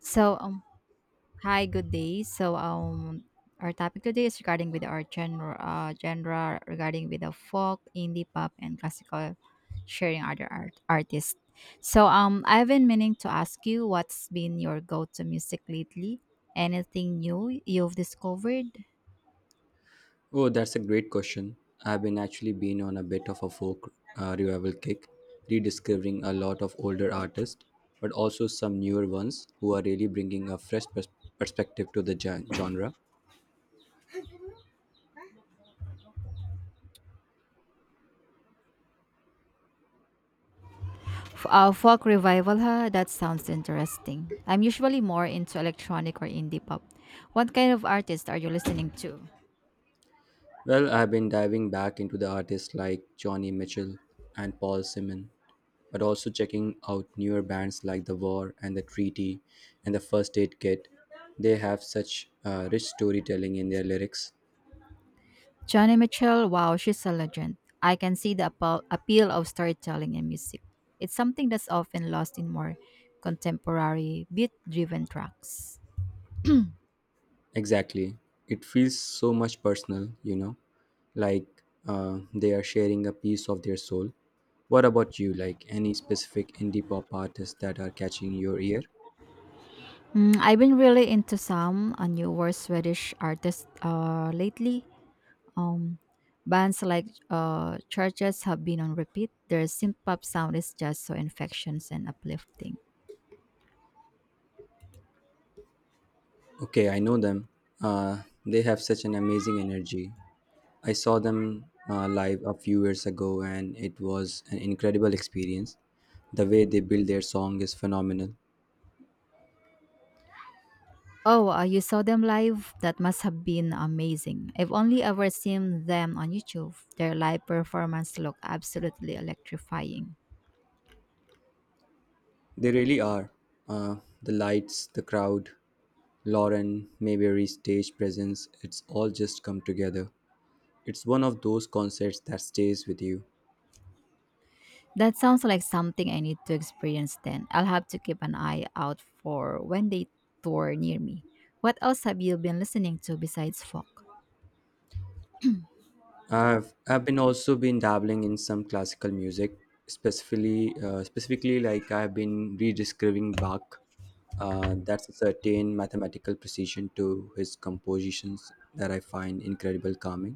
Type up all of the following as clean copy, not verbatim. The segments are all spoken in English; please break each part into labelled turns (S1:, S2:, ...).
S1: So, um, Hi, good day. Our topic today is regarding with our genre, genre regarding with the folk, indie pop, and classical, sharing other artists. I've been meaning to ask you what's been your go-to music lately? Anything new you've discovered?
S2: Oh, that's a great question. I've been actually been on a bit of a folk revival kick, rediscovering a lot of older artists, but also some newer ones who are really bringing a fresh perspective to the genre.
S1: Folk revival, huh? That sounds interesting. I'm usually more into electronic or indie pop. What kind of artists are you listening to?
S2: Well, I've been diving back into the artists like Johnny Mitchell and Paul Simon, but also checking out newer bands like The War and The Treaty and The First Aid Kit. They have such rich storytelling in their lyrics.
S1: Johnny Mitchell, wow, she's a legend. I can see the appeal of storytelling in music. It's something that's often lost in more contemporary, beat driven tracks.
S2: Exactly. It feels so much personal, like they are sharing a piece of their soul. What about you? Like any specific indie pop artists that are catching your ear?
S1: Mm, I've been really into some newer Swedish artists lately. Um, Bands like Churches have been on repeat. Their synth pop sound is just so infectious and uplifting.
S2: Okay, I know them. They have such an amazing energy. I saw them live a few years ago and it was an incredible experience. The way they build their song is phenomenal.
S1: Oh, you saw them live? That must have been amazing. I've only ever seen them on YouTube. Their live performance looked absolutely electrifying.
S2: They really are. Uh, the lights, the crowd, Lauren Mayberry's stage presence, it's all just come together. It's one of those concerts that stays with you.
S1: That sounds like something I need to experience then. I'll have to keep an eye out for when they tour near me. What else have you been listening to besides folk?
S2: I've been also been dabbling in some classical music, specifically like I've been rediscovering Bach. That's a certain mathematical precision to his compositions that I find incredible calming.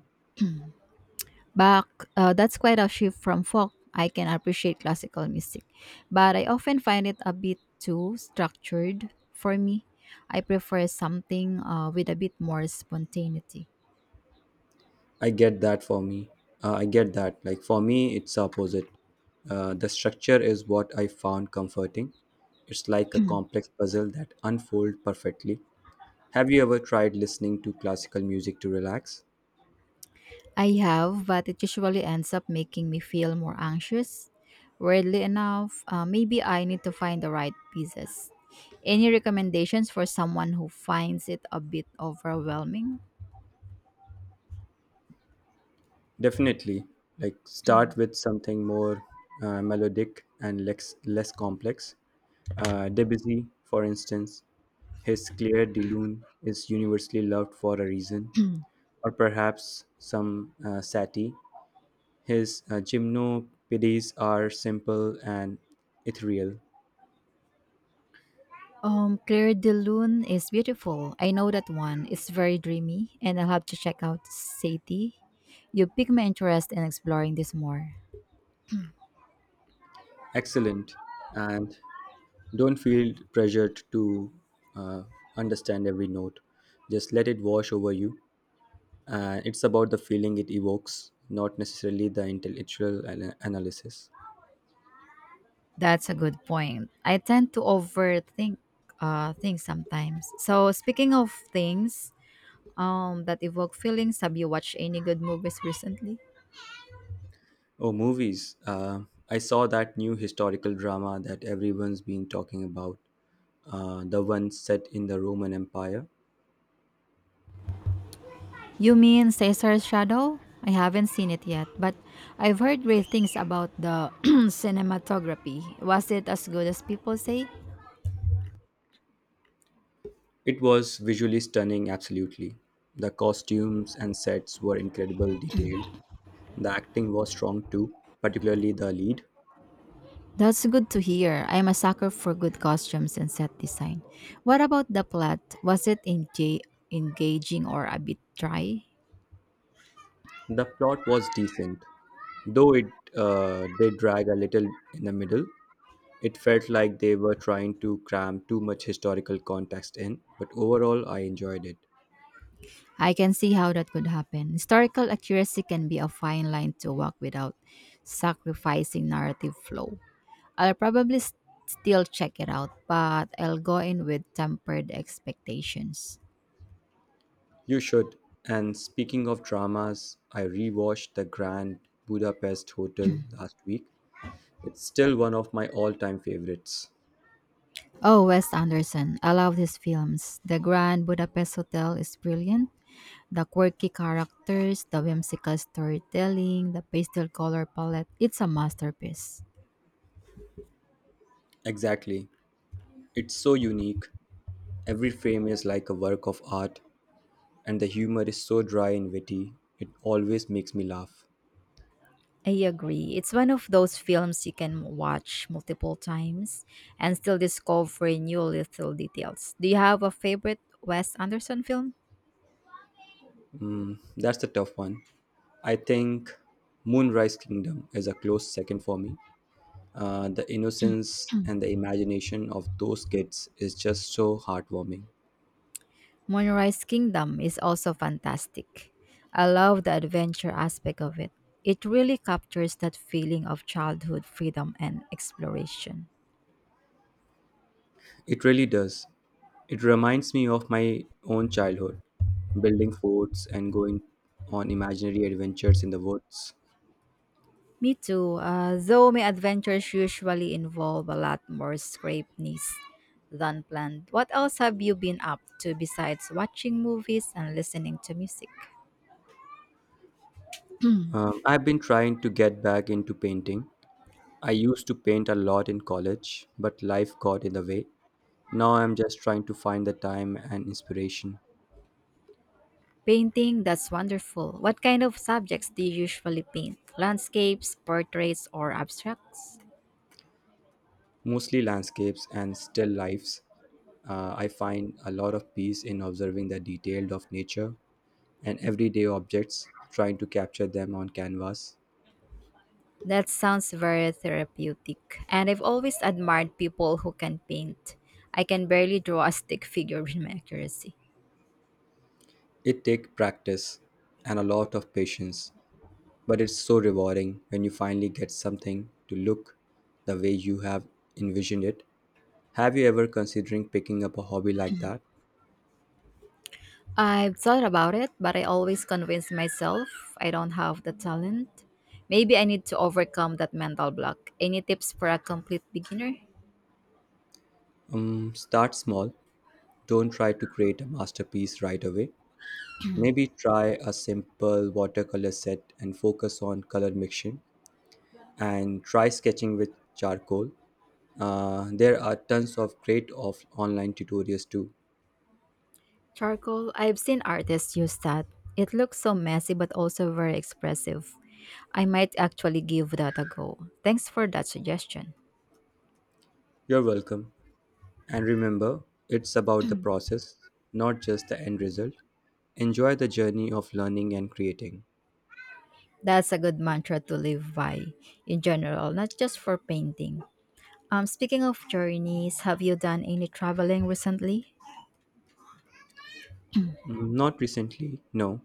S1: Bach, that's quite a shift from folk. I can appreciate classical music, but I often find it a bit too structured for me. I prefer something with a bit more spontaneity.
S2: I get that for me. I get that. Like for me, it's the opposite. The structure is what I found comforting. It's like a complex puzzle that unfolds perfectly. Have you ever tried listening to classical music to relax?
S1: I have, but it usually ends up making me feel more anxious. Weirdly enough, maybe I need to find the right pieces. Any recommendations for someone who finds it a bit overwhelming?
S2: Definitely. Like start with something more melodic and less complex. Debussy, for instance, his Clair de Lune is universally loved for a reason, or perhaps some Satie. His gymnopedes are simple and ethereal.
S1: Claire de Lune is beautiful. I know that one. It's very dreamy, and I'll have to check out Sadie. You piqued my interest in exploring this more.
S2: Excellent, and don't feel pressured to uh, understand every note. Just let it wash over you. And it's about the feeling it evokes, not necessarily the intellectual analysis.
S1: That's a good point. I tend to overthink things sometimes. So, speaking of things that evoke feelings, have you watched any good movies recently?
S2: Oh, movies. I saw that new historical drama that everyone's been talking about, the one set in the Roman Empire.
S1: You mean Caesar's Shadow? I haven't seen it yet, but I've heard great things about the cinematography. Was it as good as people say?
S2: It was visually stunning, absolutely. The costumes and sets were incredibly detailed. The acting was strong too, particularly the lead.
S1: That's good to hear. I'm a sucker for good costumes and set design. What about the plot? Was it engaging or a bit dry?
S2: The plot was decent, though it did drag a little in the middle. It felt like they were trying to cram too much historical context in, but overall, I enjoyed it.
S1: I can see how that could happen. Historical accuracy can be a fine line to walk without sacrificing narrative flow. I'll probably s still check it out, but I'll go in with tempered expectations.
S2: You should. And speaking of dramas, I rewatched The Grand Budapest Hotel last week. It's still one of my all time favorites.
S1: Oh, Wes Anderson. I love his films. The Grand Budapest Hotel is brilliant. The quirky characters, the whimsical storytelling, the pastel color palette, it's a masterpiece.
S2: Exactly. It's so unique. Every frame is like a work of art, and the humor is so dry and witty. It always makes me laugh.
S1: I agree. It's one of those films you can watch multiple times and still discover new little details. Do you have a favorite Wes Anderson film?
S2: That's the tough one. I think Moonrise Kingdom is a close second for me. The innocence and the imagination of those kids is just so heartwarming.
S1: Moonrise Kingdom is also fantastic. I love the adventure aspect of it. It really captures that feeling of childhood freedom and exploration.
S2: It really does. It reminds me of my own childhood, building forts and going on imaginary adventures in the woods.
S1: Me too, though my adventures usually involve a lot more scrapeness than planned. What else have you been up to besides watching movies and listening to music?
S2: I've been trying to get back into painting. I used to paint a lot in college, but life got in the way. Now I'm just trying to find the time and inspiration,
S1: Painting, that's wonderful. What kind of subjects do you usually paint? Landscapes, portraits, or abstracts?
S2: mostly landscapes and still lifes. I find a lot of peace in observing the detail of nature and everyday objects, trying to capture them on canvas.
S1: That sounds very therapeutic. And I've always admired people who can paint. I can barely draw a stick figure with my accuracy.
S2: It takes practice and a lot of patience, but it's so rewarding when you finally get something to look the way you have envisioned it. Have you ever considering picking up a hobby like that?
S1: I've thought about it, but I always convince myself I don't have the talent. Maybe I need to overcome that mental block. Any tips for a complete beginner?
S2: Start small. Don't try to create a masterpiece right away. Maybe try a simple watercolor set and focus on color mixing and try sketching with charcoal. There are tons of great online tutorials too.
S1: Charcoal, I've seen artists use that. It looks so messy but also very expressive. I might actually give that a go. Thanks for that suggestion.
S2: You're welcome. And remember, it's about the process, not just the end result. Enjoy the journey of learning and creating.
S1: That's a good mantra to live by in general, not just for painting. Speaking of journeys, have you done any traveling recently?
S2: Mm, not recently, no.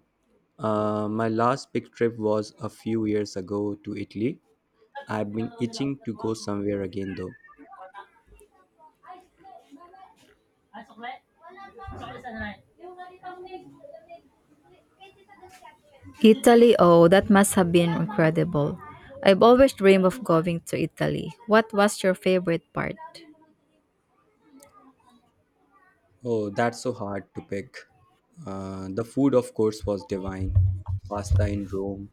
S2: My last big trip was a few years ago to Italy. I've been itching to go somewhere again though.
S1: Italy, oh, that must have been incredible. I've always dreamed of going to Italy. What was your favorite part?
S2: Oh, that's so hard to pick. The food, of course, was divine. Pasta in Rome,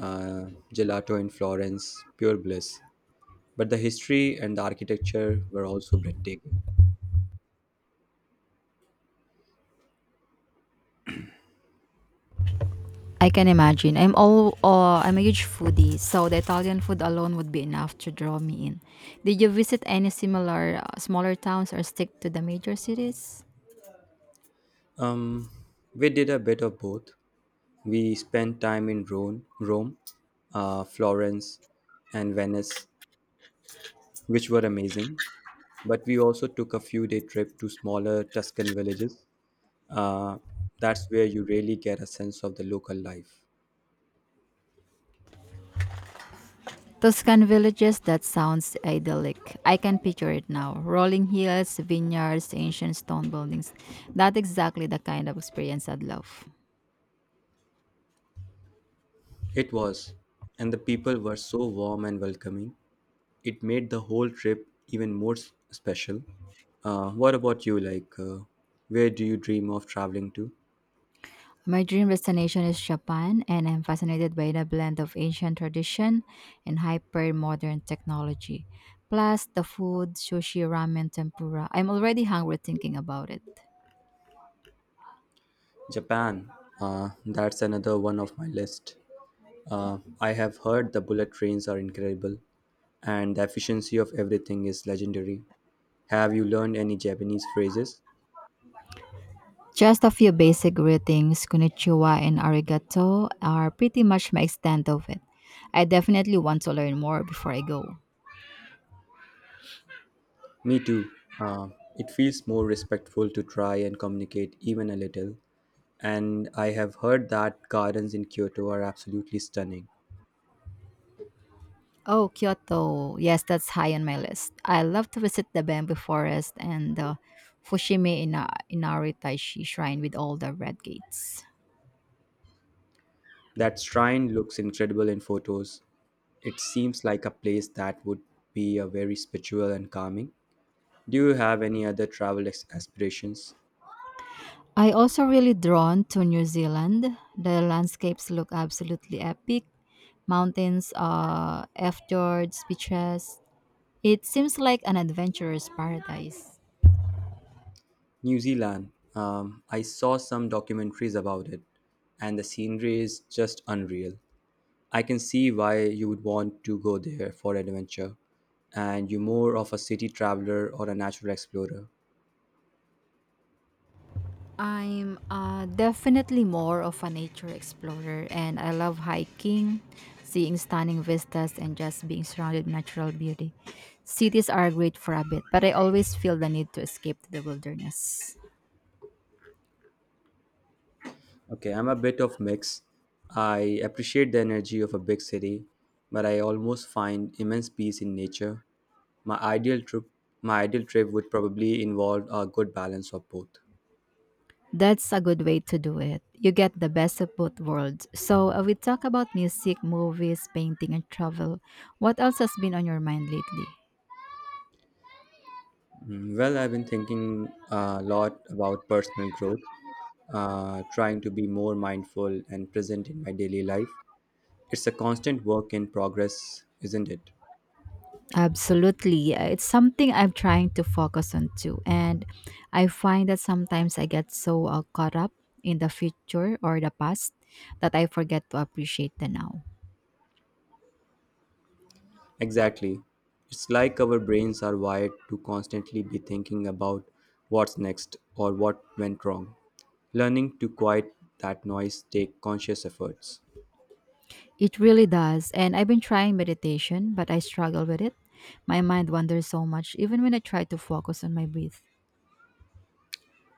S2: uh, gelato in Florence, pure bliss. But the history and the architecture were also breathtaking.
S1: I can imagine. I'm a huge foodie, so the Italian food alone would be enough to draw me in. Did you visit any similar smaller towns or stick to the major cities?
S2: Um, we did a bit of both. We spent time in Rome, Florence, and Venice, which were amazing. But we also took a few day trip to smaller Tuscan villages. Uh, that's where you really get a sense of the local life.
S1: Tuscan villages that sounds idyllic. I can picture it now. Rolling hills, vineyards, ancient stone buildings. That's exactly the kind of experience I'd love.
S2: It was, and the people were so warm and welcoming. It made the whole trip even more special. What about you? Like, where do you dream of traveling to?
S1: My dream destination is Japan, and I'm fascinated by the blend of ancient tradition and hyper modern technology. Plus, the food, sushi, ramen, tempura. I'm already hungry thinking about it.
S2: Japan. That's another one of my list. I have heard the bullet trains are incredible, and the efficiency of everything is legendary. Have you learned any Japanese phrases?
S1: Just a few basic greetings, konnichiwa and arigato, are pretty much my extent of it. I definitely want to learn more before I go.
S2: Me too. Uh, it feels more respectful to try and communicate even a little. And I have heard that gardens in Kyoto are absolutely stunning.
S1: Oh, Kyoto. Yes, that's high on my list. I love to visit the bamboo forest and the Fushimi Inari Taishi shrine with all the red gates.
S2: That shrine looks incredible in photos. It seems like a place that would be a very spiritual and calming. Do you have any other travel aspirations?
S1: I also really drawn to New Zealand. The landscapes look absolutely epic. Mountains, fjords, beaches. It seems like an adventurous paradise.
S2: New Zealand. I saw some documentaries about it, and the scenery is just unreal. I can see why you would want to go there for adventure, and you're more of a city traveler or a natural explorer.
S1: I'm definitely more of a nature explorer, and I love hiking, seeing stunning vistas, and just being surrounded by natural beauty. Cities are great for a bit, but I always feel the need to escape to the wilderness.
S2: Okay, I'm a bit of mix. I appreciate the energy of a big city, but I almost find immense peace in nature. My ideal trip, my ideal trip would probably involve a good balance of both.
S1: That's a good way to do it. You get the best of both worlds. So, we talk about music, movies, painting, and travel. What else has been on your mind lately?
S2: Mm, well, I've been thinking a lot about personal growth, trying to be more mindful and present in my daily life. It's a constant work in progress, isn't it?
S1: Absolutely. It's something I'm trying to focus on too. And I find that sometimes I get so caught up in the future or the past that I forget to appreciate the now.
S2: Exactly. It's like our brains are wired to constantly be thinking about what's next or what went wrong. Learning to quiet that noise take conscious efforts.
S1: It really does. And I've been trying meditation, but I struggle with it. My mind wanders so much, even when I try to focus on my breath.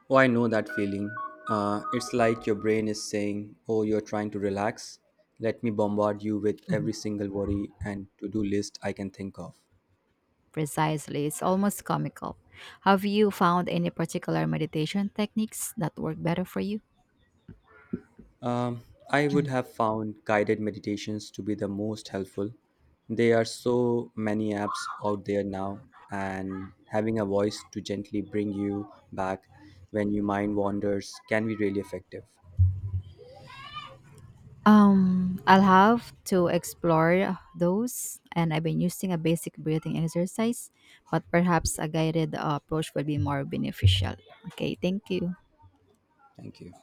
S2: Oh, I know that feeling. It's like your brain is saying, "Oh, you're trying to relax. Let me bombard you with every single worry and to do list I can think of."
S1: Precisely. It's almost comical. Have you found any particular meditation techniques that work better for you?
S2: Um, I would have found guided meditations to be the most helpful. There are so many apps out there now, and having a voice to gently bring you back when your mind wanders can be really effective.
S1: I'll have to explore those, and I've been using a basic breathing exercise, but perhaps a guided approach would be more beneficial. Okay, thank you.
S2: Thank you.